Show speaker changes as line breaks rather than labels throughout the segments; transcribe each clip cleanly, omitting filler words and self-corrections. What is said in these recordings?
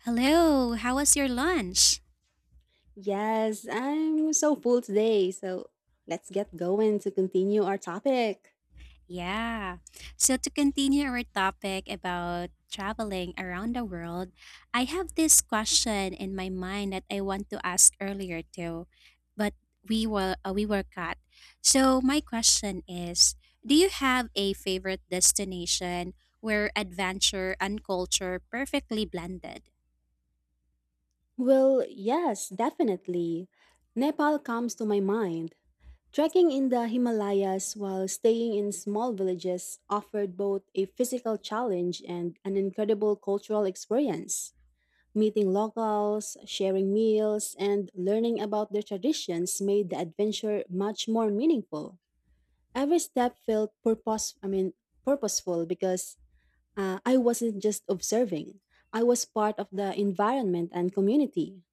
Hello, how was your lunch?
Yes, I'm so full today, so let's get going to continue our topic.
Yeah. So, to continue our topic about traveling around the world, I have this question in my mind that I want to ask earlier too, but we were cut. So, my question is, do you have a favorite destination where adventure and culture perfectly blended?
Well, yes, definitely. Nepal comes to my mind. Trekking in the Himalayas while staying in small villages offered both a physical challenge and an incredible cultural experience. Meeting locals, sharing meals, and learning about their traditions made the adventure much more meaningful. Every step felt purposeful because I wasn't just observing, I was part of the environment and community.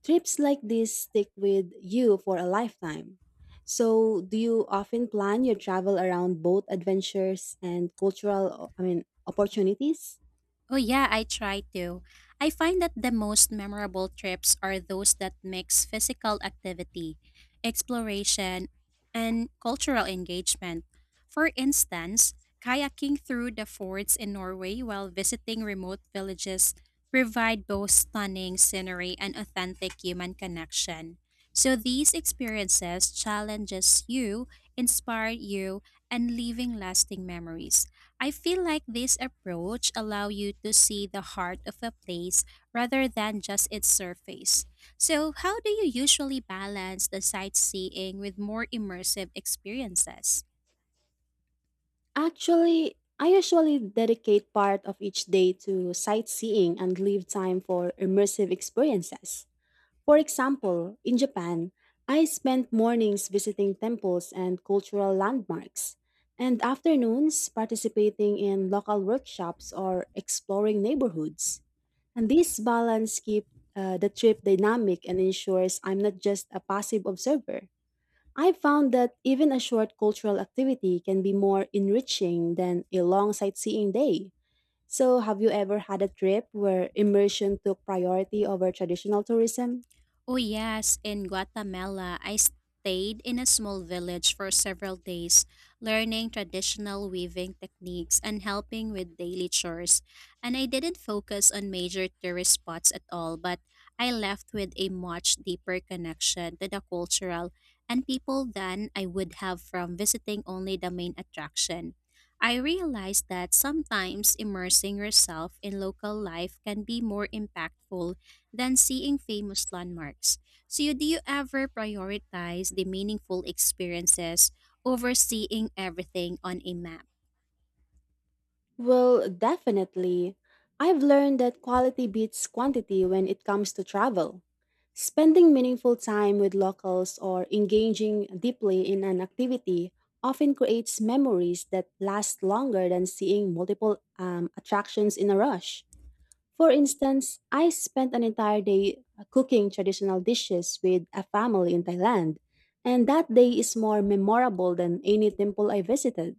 Trips like this stick with you for a lifetime. So, do you often plan your travel around both adventures and opportunities?
Oh, yeah, I try to. I find that the most memorable trips are those that mix physical activity, exploration, and cultural engagement. For instance, kayaking through the fords in Norway while visiting remote villages provide both stunning scenery and authentic human connection. So these experiences challenges you, inspire you, and leaving lasting memories. I feel like this approach allow you to see the heart of a place rather than just its surface. So, how do you usually balance the sightseeing with more immersive experiences?
Actually, I usually dedicate part of each day to sightseeing and leave time for immersive experiences. For example, in Japan, I spent mornings visiting temples and cultural landmarks, and afternoons participating in local workshops or exploring neighborhoods. And this balance keeps the trip dynamic and ensures I'm not just a passive observer. I found that even a short cultural activity can be more enriching than a long sightseeing day. So, have you ever had a trip where immersion took priority over traditional tourism?
Oh, yes, in Guatemala, I stayed in a small village for several days, learning traditional weaving techniques and helping with daily chores. And I didn't focus on major tourist spots at all, but I left with a much deeper connection to the cultural and people than I would have from visiting only the main attraction. I realized that sometimes immersing yourself in local life can be more impactful than seeing famous landmarks. So, do you ever prioritize the meaningful experiences over seeing everything on a map?
Well, definitely. I've learned that quality beats quantity when it comes to travel. Spending meaningful time with locals or engaging deeply in an activity often creates memories that last longer than seeing multiple attractions in a rush. For instance, I spent an entire day cooking traditional dishes with a family in Thailand, and that day is more memorable than any temple I visited.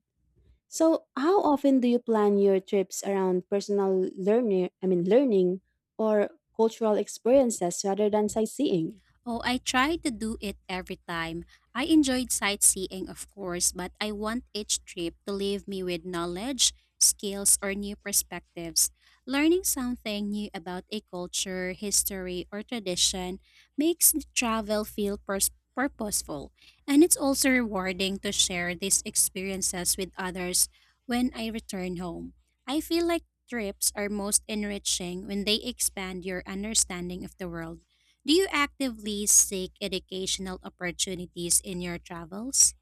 So, how often do you plan your trips around personal learning, I mean learning or cultural experiences rather than sightseeing?
Oh, I try to do it every time. I enjoyed sightseeing, of course, but I want each trip to leave me with knowledge, skills, or new perspectives. Learning something new about a culture, history, or tradition makes the travel feel purposeful, and it's also rewarding to share these experiences with others when I return home. I feel like trips are most enriching when they expand your understanding of the world. Do you actively seek educational opportunities in your travels?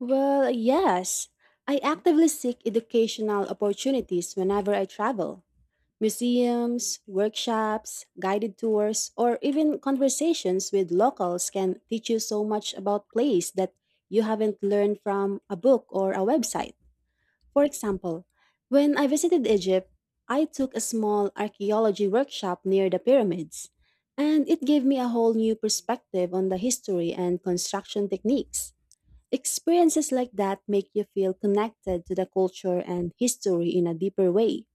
Well, yes. I actively seek educational opportunities whenever I travel. Museums, workshops, guided tours, or even conversations with locals can teach you so much about place that you haven't learned from a book or a website. For example, when I visited Egypt, I took a small archaeology workshop near the pyramids, and it gave me a whole new perspective on the history and construction techniques. Experiences like that make you feel connected to the culture and history in a deeper way.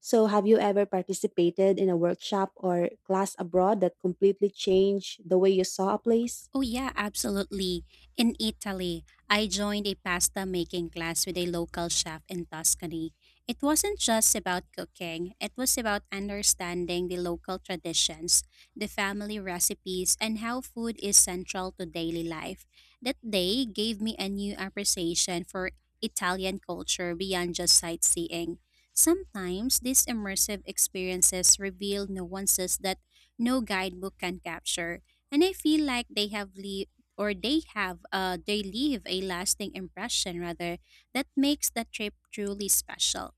So, have you ever participated in a workshop or class abroad that completely changed the way you saw a place?
Oh, yeah, absolutely. In Italy, I joined a pasta making class with a local chef in Tuscany. It wasn't just about cooking, it was about understanding the local traditions, the family recipes, and how food is central to daily life. That day gave me a new appreciation for Italian culture beyond just sightseeing. Sometimes these immersive experiences reveal nuances that no guidebook can capture, and I feel like they have they leave a lasting impression rather that makes the trip truly special.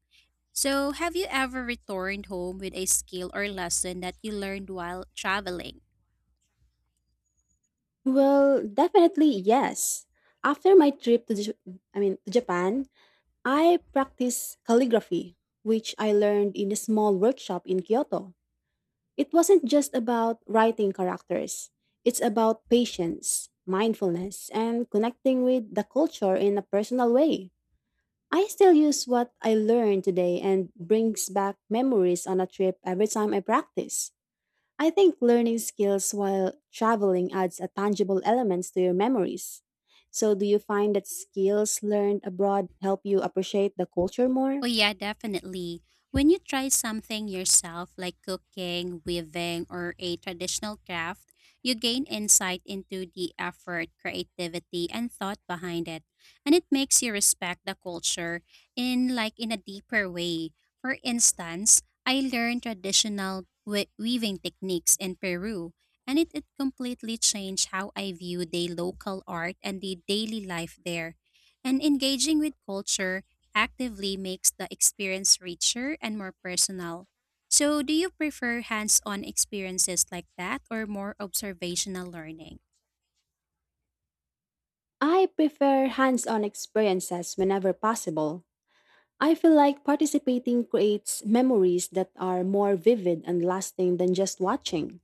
So have you ever returned home with a skill or lesson that you learned while traveling?
Well, definitely yes. After my trip to Japan, I practice calligraphy, which I learned in a small workshop in Kyoto. It wasn't just about writing characters, it's about patience, mindfulness, and connecting with the culture in a personal way. I still use what I learned today and brings back memories on a trip every time I practice. I think learning skills while traveling adds a tangible elements to your memories. So do you find that skills learned abroad help you appreciate the culture more?
Oh, yeah, definitely. When you try something yourself, like cooking, weaving, or a traditional craft, you gain insight into the effort, creativity, and thought behind it. And it makes you respect the culture in a deeper way. For instance, I learned traditional weaving techniques in Peru, and it completely changed how I view the local art and the daily life there. And engaging with culture actively makes the experience richer and more personal. So, do you prefer hands on experiences like that or more observational learning?
I prefer hands on experiences whenever possible. I feel like participating creates memories that are more vivid and lasting than just watching.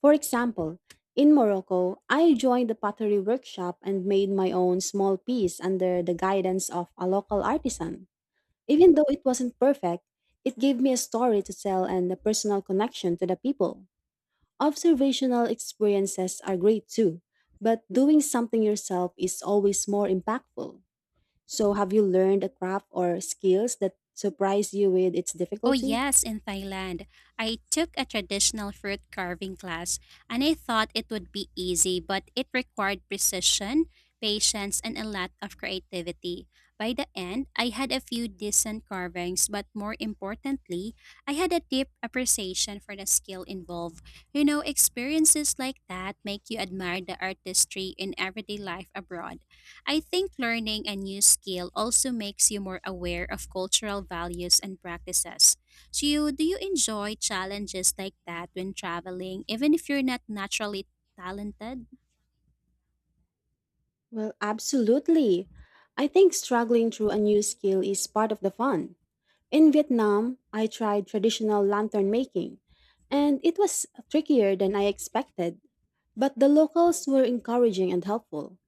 For example, in Morocco, I joined the pottery workshop and made my own small piece under the guidance of a local artisan. Even though it wasn't perfect, it gave me a story to tell and a personal connection to the people. Observational experiences are great too, but doing something yourself is always more impactful. So, have you learned a craft or skills that surprise you with its
Oh,
difficulty?
yes, in Thailand. I took a traditional fruit carving class and I thought it would be easy, but it required precision, patience, and a lot of creativity. By the end, I had a few decent carvings, but more importantly, I had a deep appreciation for the skill involved. You know, experiences like that make you admire the artistry in everyday life abroad. I think learning a new skill also makes you more aware of cultural values and practices. So, do you enjoy challenges like that when traveling, even if you're not naturally talented?
Well, absolutely. I think struggling through a new skill is part of the fun. In Vietnam, I tried traditional lantern making, and it was trickier than I expected. But the locals were encouraging and helpful.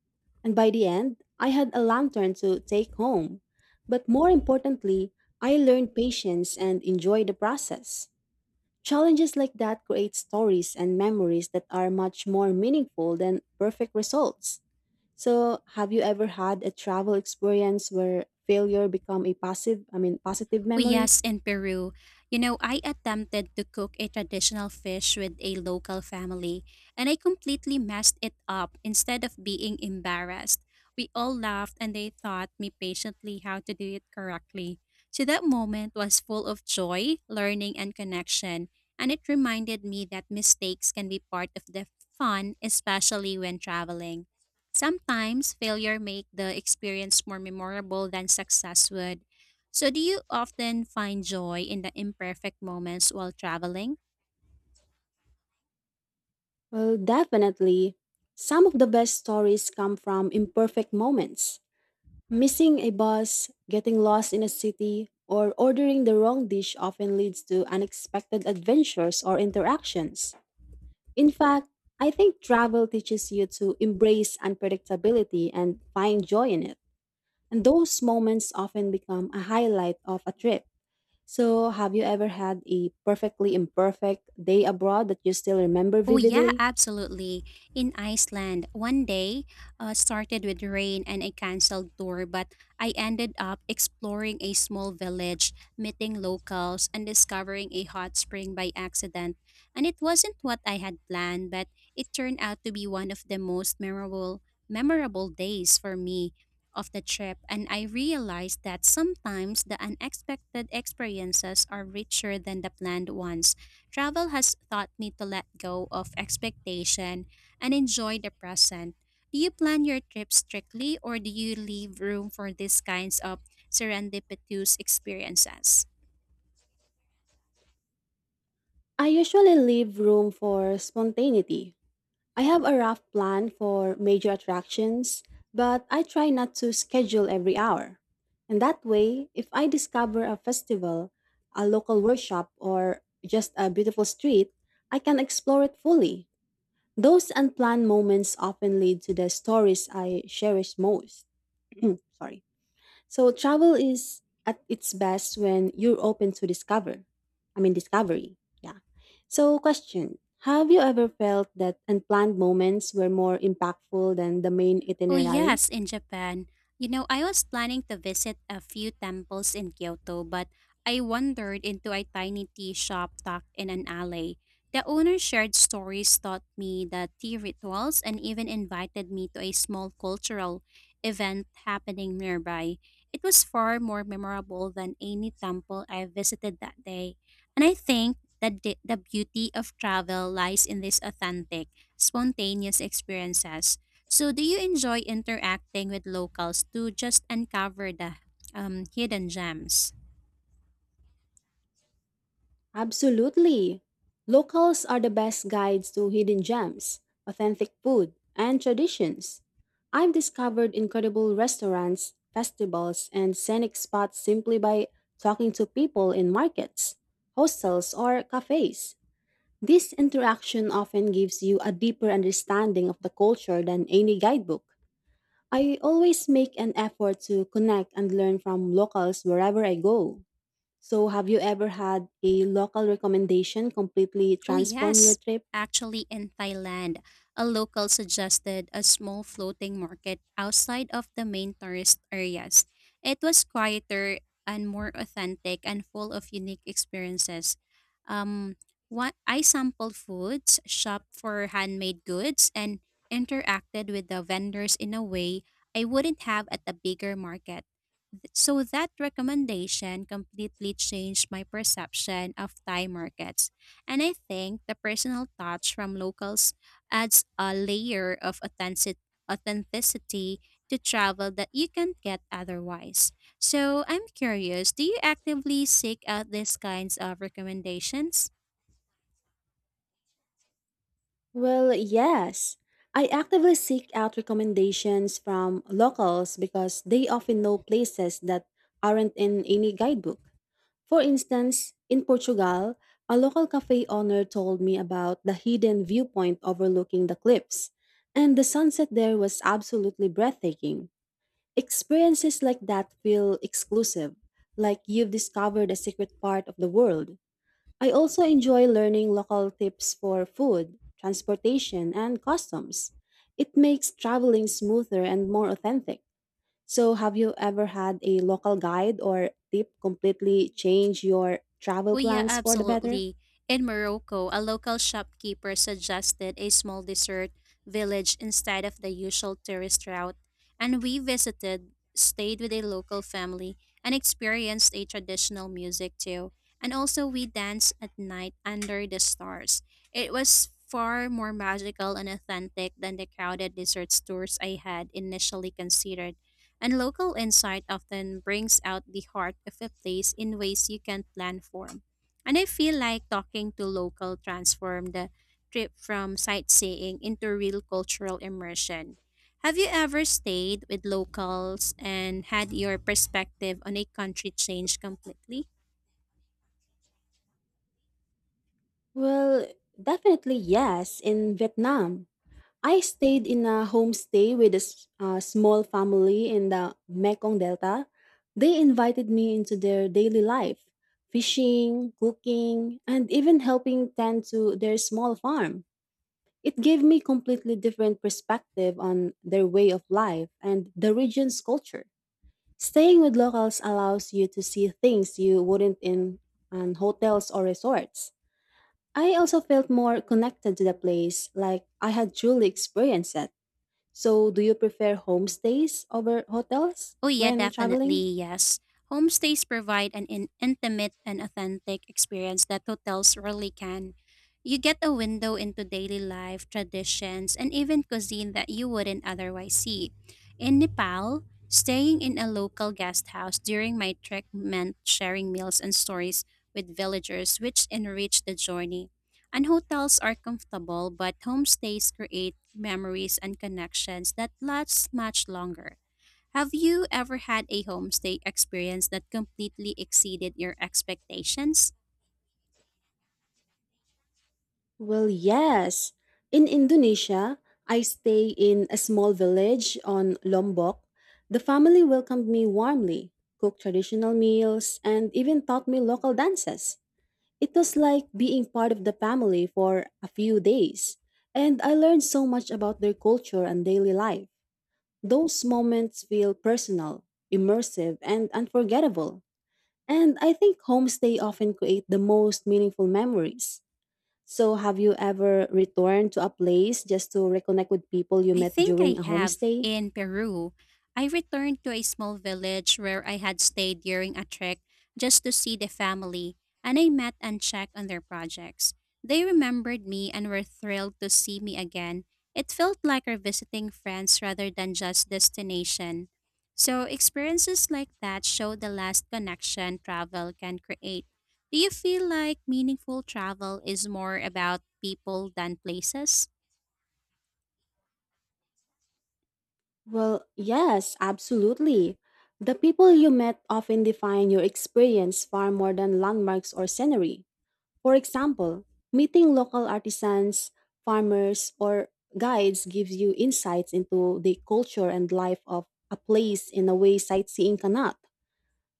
And by the end, I had a lantern to take home. But more importantly, I learned patience and enjoyed the process. Challenges like that create stories and memories that are much more meaningful than perfect results. So, have you ever had a travel experience where failure become a positive
Oh,
memory?
yes, in Peru. You know, I attempted to cook a traditional fish with a local family, and I completely messed it up instead of being embarrassed. We all laughed and they taught me patiently how to do it correctly. So that moment was full of joy, learning, and connection. And it reminded me that mistakes can be part of the fun, especially when traveling. Sometimes failure make the experience more memorable than success would. So, do you often find joy in the imperfect moments while traveling?
Well, definitely. Some of the best stories come from imperfect moments. Missing a bus, getting lost in a city, or ordering the wrong dish often leads to unexpected adventures or interactions. In fact, I think travel teaches you to embrace unpredictability and find joy in it. And those moments often become a highlight of a trip. So, have you ever had a perfectly imperfect day abroad that you still remember
Oh, yeah,
vividly?
absolutely. In Iceland, one day started with rain and a canceled tour, but I ended up exploring a small village, meeting locals, and discovering a hot spring by accident. And it wasn't what I had planned, but it turned out to be one of the memorable days for me of the trip. And I realized that sometimes the unexpected experiences are richer than the planned ones. Travel has taught me to let go of expectation and enjoy the present. Do you plan your trip strictly or do you leave room for these kinds of serendipitous experiences?
I usually leave room for spontaneity. I have a rough plan for major attractions, but I try not to schedule every hour. And that way, if I discover a festival, a local workshop, or just a beautiful street, I can explore it fully. Those unplanned moments often lead to the stories I cherish most. Sorry. So travel is at its best when you're open to discovery. Yeah. So question, have you ever felt that unplanned moments were more impactful than the main
Oh,
itinerary?
yes, in Japan. You know, I was planning to visit a few temples in Kyoto, but I wandered into a tiny tea shop tucked in an alley. The owner shared stories, taught me the tea rituals, and even invited me to a small cultural event happening nearby. It was far more memorable than any temple I visited that day. And I think that the beauty of travel lies in these authentic, spontaneous experiences. So, do you enjoy interacting with locals to just uncover the hidden gems?
Absolutely. Locals are the best guides to hidden gems, authentic food, and traditions. I've discovered incredible restaurants, festivals, and scenic spots simply by talking to people in markets, hostels, or cafes. This interaction often gives you a deeper understanding of the culture than any guidebook. I always make an effort to connect and learn from locals wherever I go. So, have you ever had a local recommendation completely
Oh,
transform your
yes.
trip?
Actually, in Thailand, a local suggested a small floating market outside of the main tourist areas. It was quieter and more authentic and full of unique experiences. Um, what I sampled foods, shopped for handmade goods, and interacted with the vendors in a way I wouldn't have at a bigger market. So that recommendation completely changed my perception of Thai markets. And I think the personal touch from locals adds a layer of authenticity to travel that you can't get otherwise. So I'm curious, do you actively seek out these kinds of recommendations?
Well, yes. I actively seek out recommendations from locals because they often know places that aren't in any guidebook. For instance, in Portugal, a local cafe owner told me about the hidden viewpoint overlooking the cliffs, and the sunset there was absolutely breathtaking. Experiences like that feel exclusive, like you've discovered a secret part of the world. I also enjoy learning local tips for food, transportation, and customs. It makes traveling smoother and more authentic. So, have you ever had a local guide or tip completely change your travel
Well, yeah,
plans for the better?
absolutely. In Morocco, a local shopkeeper suggested a small dessert village instead of the usual tourist route, and we visited, stayed with a local family, and experienced a traditional music too. And also, we danced at night under the stars. It was far more magical and authentic than the crowded dessert stores I had initially considered. And local insight often brings out the heart of a place in ways you can't plan for. And I feel like talking to local transformed the trip from sightseeing into real cultural immersion. Have you ever stayed with locals and had your perspective on a country change completely?
Well, definitely yes. In Vietnam, I stayed in a homestay with a small family in the Mekong Delta. They invited me into their daily life, fishing, cooking, and even helping tend to their small farm. It gave me completely different perspective on their way of life and the region's culture. Staying with locals allows you to see things you wouldn't in on hotels or resorts. I also felt more connected to the place, like I had truly experienced it. So, do you prefer homestays over hotels
Oh, yeah,
when traveling?
definitely, yes. Homestays provide an intimate and authentic experience that hotels rarely can. You get a window into daily life, traditions, and even cuisine that you wouldn't otherwise see. In Nepal, staying in a local guest house during my trek meant sharing meals and stories with villagers, which enriched the journey. And hotels are comfortable, but homestays create memories and connections that last much longer. Have you ever had a homestay experience that completely exceeded your expectations?
Well, yes. In Indonesia, I stay in a small village on Lombok. The family welcomed me warmly, cooked traditional meals, and even taught me local dances. It was like being part of the family for a few days, and I learned so much about their culture and daily life. Those moments feel personal, immersive, and unforgettable. And I think homestay often create the most meaningful memories. So, have you ever returned to a place just to reconnect with people you
I
met
think I
during a
have
homestay?
in Peru. I returned to a small village where I had stayed during a trek just to see the family, and I met and checked on their projects. They remembered me and were thrilled to see me again. It felt like revisiting friends rather than just destination. So, experiences like that show the last connection travel can create. Do you feel like meaningful travel is more about people than places?
Well, yes, absolutely. The people you met often define your experience far more than landmarks or scenery. For example, meeting local artisans, farmers, or guides gives you insights into the culture and life of a place in a way sightseeing cannot.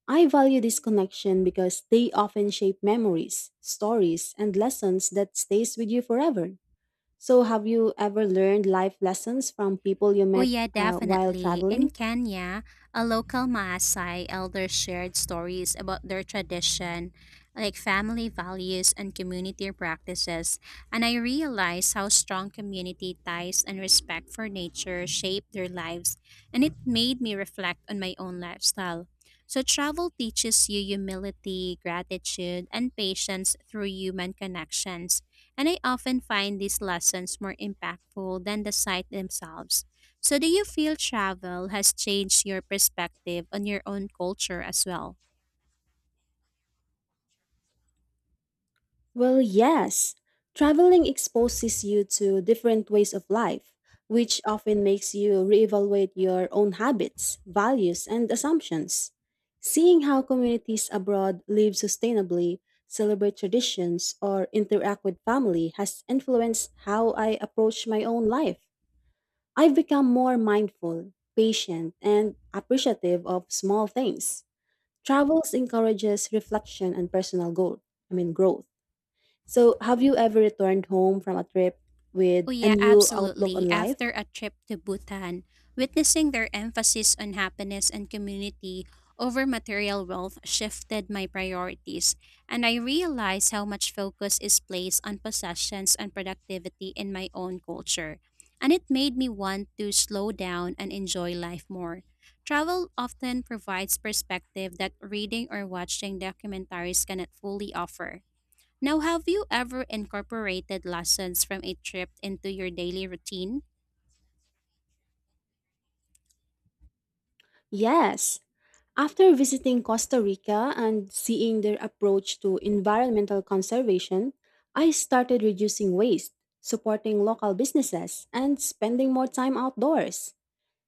I value this connection because they often shape memories, stories, and lessons that stays with you forever. So have you ever learned life lessons from people you
Oh,
met
yeah,
while
definitely. In
traveling?
Kenya, a local Maasai elder shared stories about their tradition, like family values and community practices, and I realized how strong community ties and respect for nature shape their lives, and it made me reflect on my own lifestyle. So, travel teaches you humility, gratitude, and patience through human connections, and I often find these lessons more impactful than the site themselves. So, do you feel travel has changed your perspective on your own culture as well?
Well, yes. Traveling exposes you to different ways of life, which often makes you reevaluate your own habits, values, and assumptions. Seeing how communities abroad live sustainably, celebrate traditions, or interact with family has influenced how I approach my own life. I've become more mindful, patient, and appreciative of small things. Travels encourages reflection and personal growth, so, have you ever returned home from a trip
Oh,
with a
yeah,
new outlook on
absolutely.
life?
After a trip to Bhutan, witnessing their emphasis on happiness and community over material wealth shifted my priorities, and I realized how much focus is placed on possessions and productivity in my own culture. And it made me want to slow down and enjoy life more. Travel often provides perspective that reading or watching documentaries cannot fully offer. Now, have you ever incorporated lessons from a trip into your daily routine?
Yes. After visiting Costa Rica and seeing their approach to environmental conservation, I started reducing waste, supporting local businesses, and spending more time outdoors.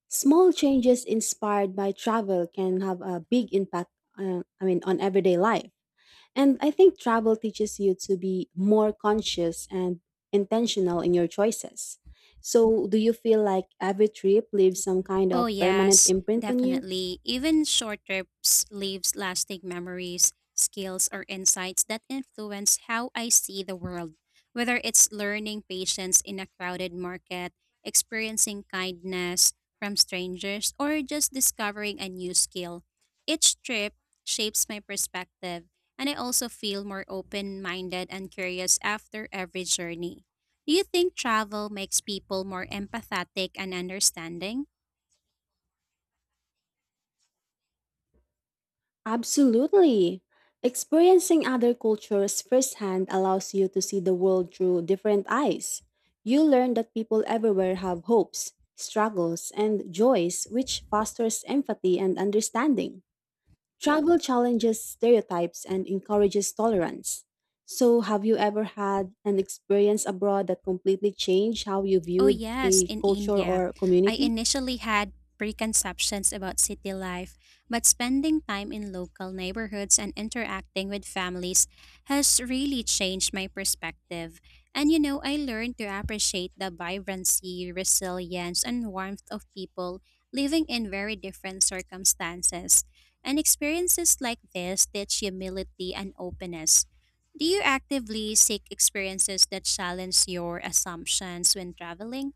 Small changes inspired by travel can have a big impact, on everyday life. And I think travel teaches you to be more conscious and intentional in your choices. So, do you feel like every trip leaves some kind
Oh,
of permanent
yes,
imprint on you?
definitely. Even short trips leaves lasting memories, skills, or insights that influence how I see the world. Whether it's learning patience in a crowded market, experiencing kindness from strangers, or just discovering a new skill, each trip shapes my perspective, and I also feel more open minded and curious after every journey. Do you think travel makes people more empathetic and understanding?
Absolutely. Experiencing other cultures firsthand allows you to see the world through different eyes. You learn that people everywhere have hopes, struggles, and joys, which fosters empathy and understanding. Travel challenges stereotypes and encourages tolerance. So, have you ever had an experience abroad that completely changed how you
Oh,
viewed
yes,
a
in
culture
India.
or
I
community?
initially had preconceptions about city life, but spending time in local neighborhoods and interacting with families has really changed my perspective. And you know, I learned to appreciate the vibrancy, resilience, and warmth of people living in very different circumstances. And experiences like this teach humility and openness. Do you actively seek experiences that challenge your assumptions when traveling?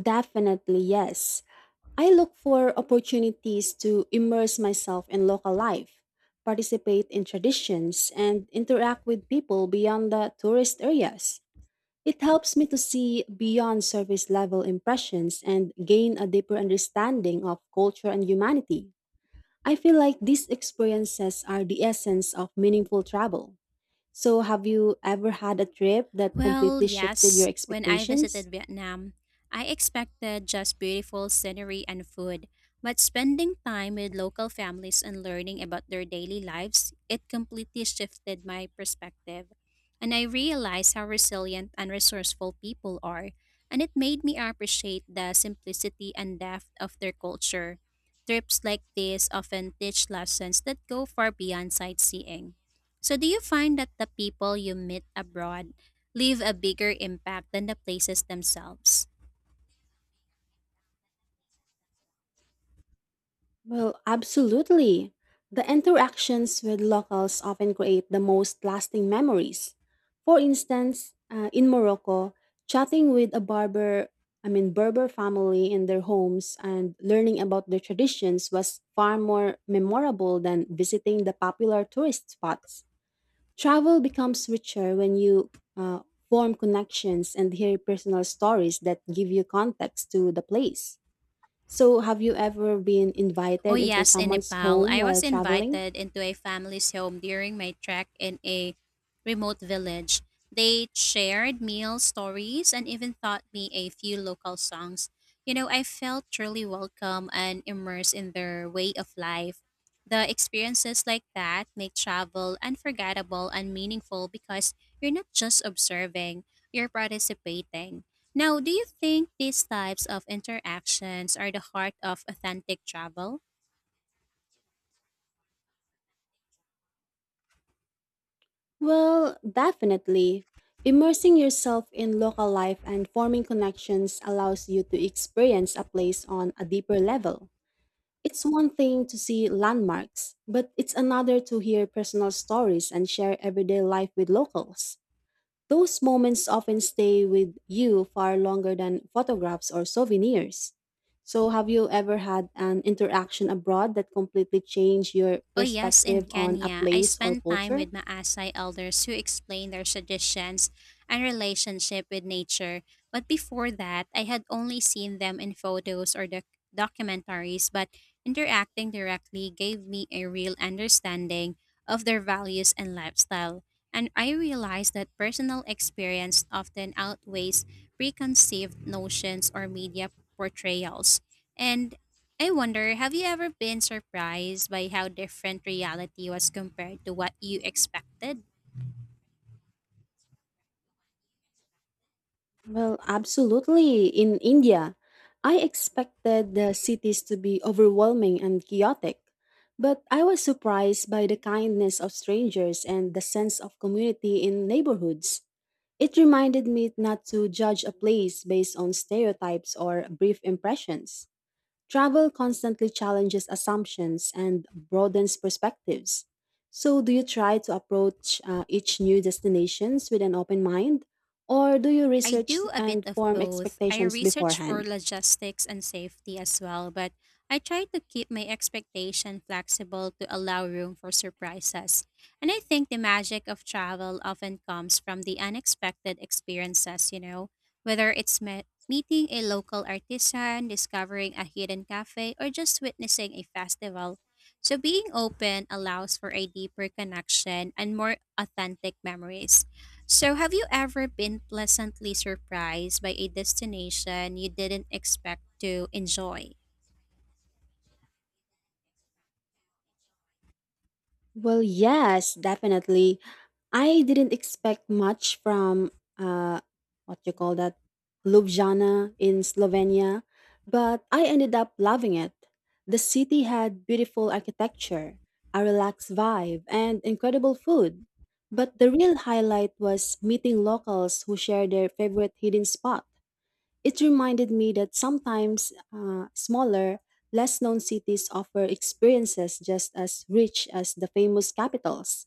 Definitely, yes. I look for opportunities to immerse myself in local life, participate in traditions, and interact with people beyond the tourist areas. It helps me to see beyond surface level impressions and gain a deeper understanding of culture and humanity. I feel like these experiences are the essence of meaningful travel. So, have you ever had a trip that
Well,
completely shifted your
yes. When I
expectations?
visited Vietnam, I expected just beautiful scenery and food, but spending time with local families and learning about their daily lives, it completely shifted my perspective. And I realized how resilient and resourceful people are, and it made me appreciate the simplicity and depth of their culture. Trips like this often teach lessons that go far beyond sightseeing. So, do you find that the people you meet abroad leave a bigger impact than the places themselves?
Well, absolutely. The interactions with locals often create the most lasting memories. For instance, in Morocco, chatting with a Berber family in their homes and learning about their traditions was far more memorable than visiting the popular tourist spots. Travel becomes richer when you uh, form connections and hear personal stories that give you context to the place. So, have you ever been
Oh
invited into
yes, in
someone's
Nepal,
home
I
while
was
traveling?
invited into a family's home during my trek in a remote village. They shared meal stories and even taught me a few local songs. You know, I felt truly welcome and immersed in their way of life. The experiences like that make travel unforgettable and meaningful because you're not just observing, you're participating. Now, do you think these types of interactions are the heart of authentic travel?
Well, definitely. Immersing yourself in local life and forming connections allows you to experience a place on a deeper level. It's one thing to see landmarks, but it's another to hear personal stories and share everyday life with locals. Those moments often stay with you far longer than photographs or souvenirs. So, have you ever had an interaction abroad that completely changed your
Oh, yes, in
perspective on a
Kenya, I
place or
spent time
culture?
with Maasai elders who explained their traditions and relationship with nature. But before that, I had only seen them in photos or documentaries, but interacting directly gave me a real understanding of their values and lifestyle. And I realized that personal experience often outweighs preconceived notions or media portrayals. And I wonder, have you ever been surprised by how different reality was compared to what you expected?
Well, absolutely. In India, I expected the cities to be overwhelming and chaotic, but I was surprised by the kindness of strangers and the sense of community in neighborhoods. It reminded me not to judge a place based on stereotypes or brief impressions. Travel constantly challenges assumptions and broadens perspectives. So, do you try to approach each new destinations with an open mind, or do you
I
research
do a bit
and
of
form
both. I
expectations
research for
beforehand?
logistics and safety as well, but I try to keep my expectation flexible to allow room for surprises. And I think the magic of travel often comes from the unexpected experiences, you know, whether it's met meeting a local artisan, discovering a hidden cafe, or just witnessing a festival. So being open allows for a deeper connection and more authentic memories. So, have you ever been pleasantly surprised by a destination you didn't expect to enjoy?
Well, yes, definitely. I didn't expect much from what you call that Ljubljana in Slovenia, but I ended up loving it. The city had beautiful architecture, a relaxed vibe, and incredible food. But the real highlight was meeting locals who share their favorite hidden spot. It reminded me that sometimes smaller, less known cities offer experiences just as rich as the famous capitals.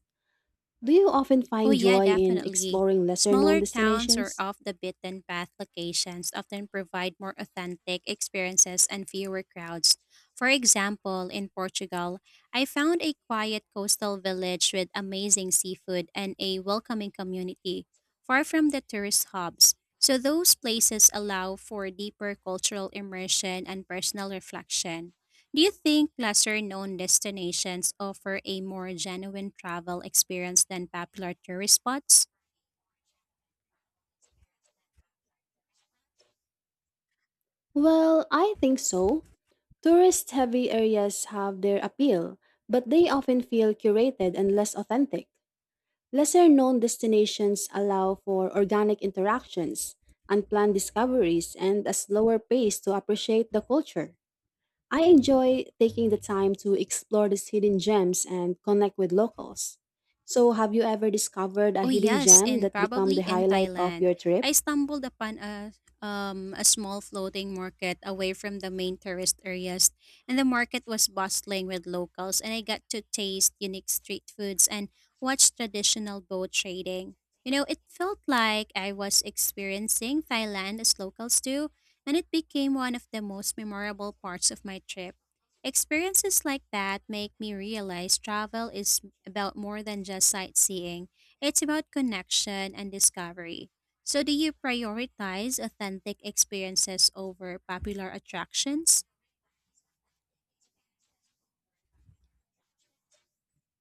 Do you often
Oh,
find
yeah,
joy in
definitely.
exploring lesser known
Smaller towns or
destinations?
off the beaten path locations often provide more authentic experiences and fewer crowds. For example, in Portugal, I found a quiet coastal village with amazing seafood and a welcoming community, far from the tourist hubs. So, those places allow for deeper cultural immersion and personal reflection. Do you think lesser known destinations offer a more genuine travel experience than popular tourist spots?
Well, I think so. Tourist heavy areas have their appeal, but they often feel curated and less authentic. Lesser known destinations allow for organic interactions, unplanned discoveries, and a slower pace to appreciate the culture. I enjoy taking the time to explore these hidden gems and connect with locals. So, have you ever discovered a
Oh
hidden
yes,
gem
and
that became
probably
the
in
highlight of
Thailand,
your trip?
I stumbled upon a small floating market away from the main tourist areas, and the market was bustling with locals, and I got to taste unique street foods and watch traditional boat trading. You know, it felt like I was experiencing Thailand as locals do, and it became one of the most memorable parts of my trip. Experiences like that make me realize travel is about more than just sightseeing. It's about connection and discovery. So, do you prioritize authentic experiences over popular attractions?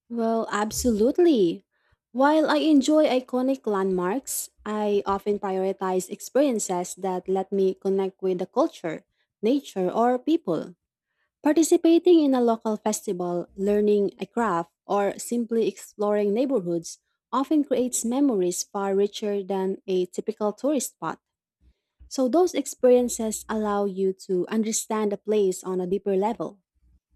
Well, absolutely. While I enjoy iconic landmarks, I often prioritize experiences that let me connect with the culture, nature, or people. Participating in a local festival, learning a craft, or simply exploring neighborhoods often creates memories far richer than a typical tourist spot. So, those experiences allow you to understand a place on a deeper level.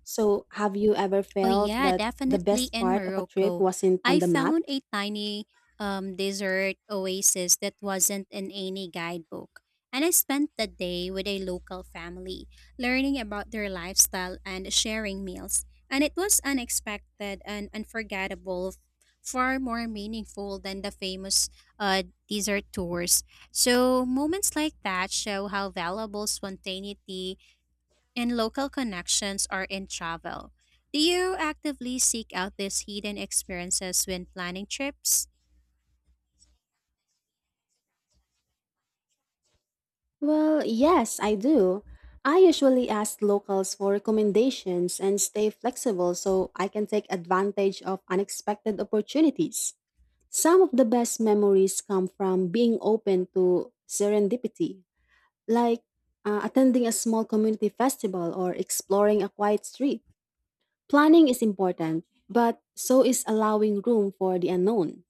So, have you ever
Oh
felt
yeah,
that the
definitely
best
in
part of a trip
Morocco.
wasn't on
I
the map?
found a tiny desert oasis that wasn't in any guidebook. And I spent the day with a local family, learning about their lifestyle and sharing meals. And it was unexpected and unforgettable, far more meaningful than the famous desert tours. So, moments like that show how valuable spontaneity and local connections are in travel. Do you actively seek out these hidden experiences when planning trips?
Well, yes, I do. I usually ask locals for recommendations and stay flexible so I can take advantage of unexpected opportunities. Some of the best memories come from being open to serendipity, like attending a small community festival or exploring a quiet street. Planning is important, but so is allowing room for the unknown.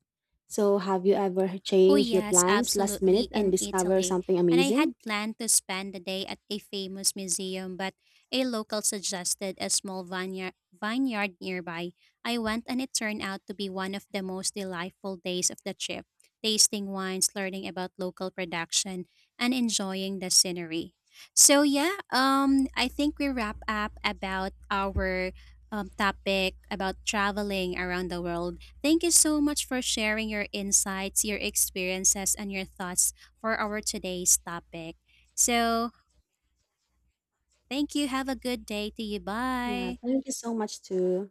So, have you ever
Oh,
changed your
yes,
plans last minute
absolutely,
and
in
discover
Italy.
something
And I
amazing?
had planned to spend the day at a famous museum, but a local suggested a small vineyard nearby. I went, and it turned out to be one of the most delightful days of the trip, tasting wines, learning about local production, and enjoying the scenery. So, yeah, I think we wrap up about our topic about traveling around the world. Thank you so much for sharing your insights, your experiences, and your thoughts for our today's topic. So, thank you. Have a good day to you.
Yeah,
Bye.
thank you so much to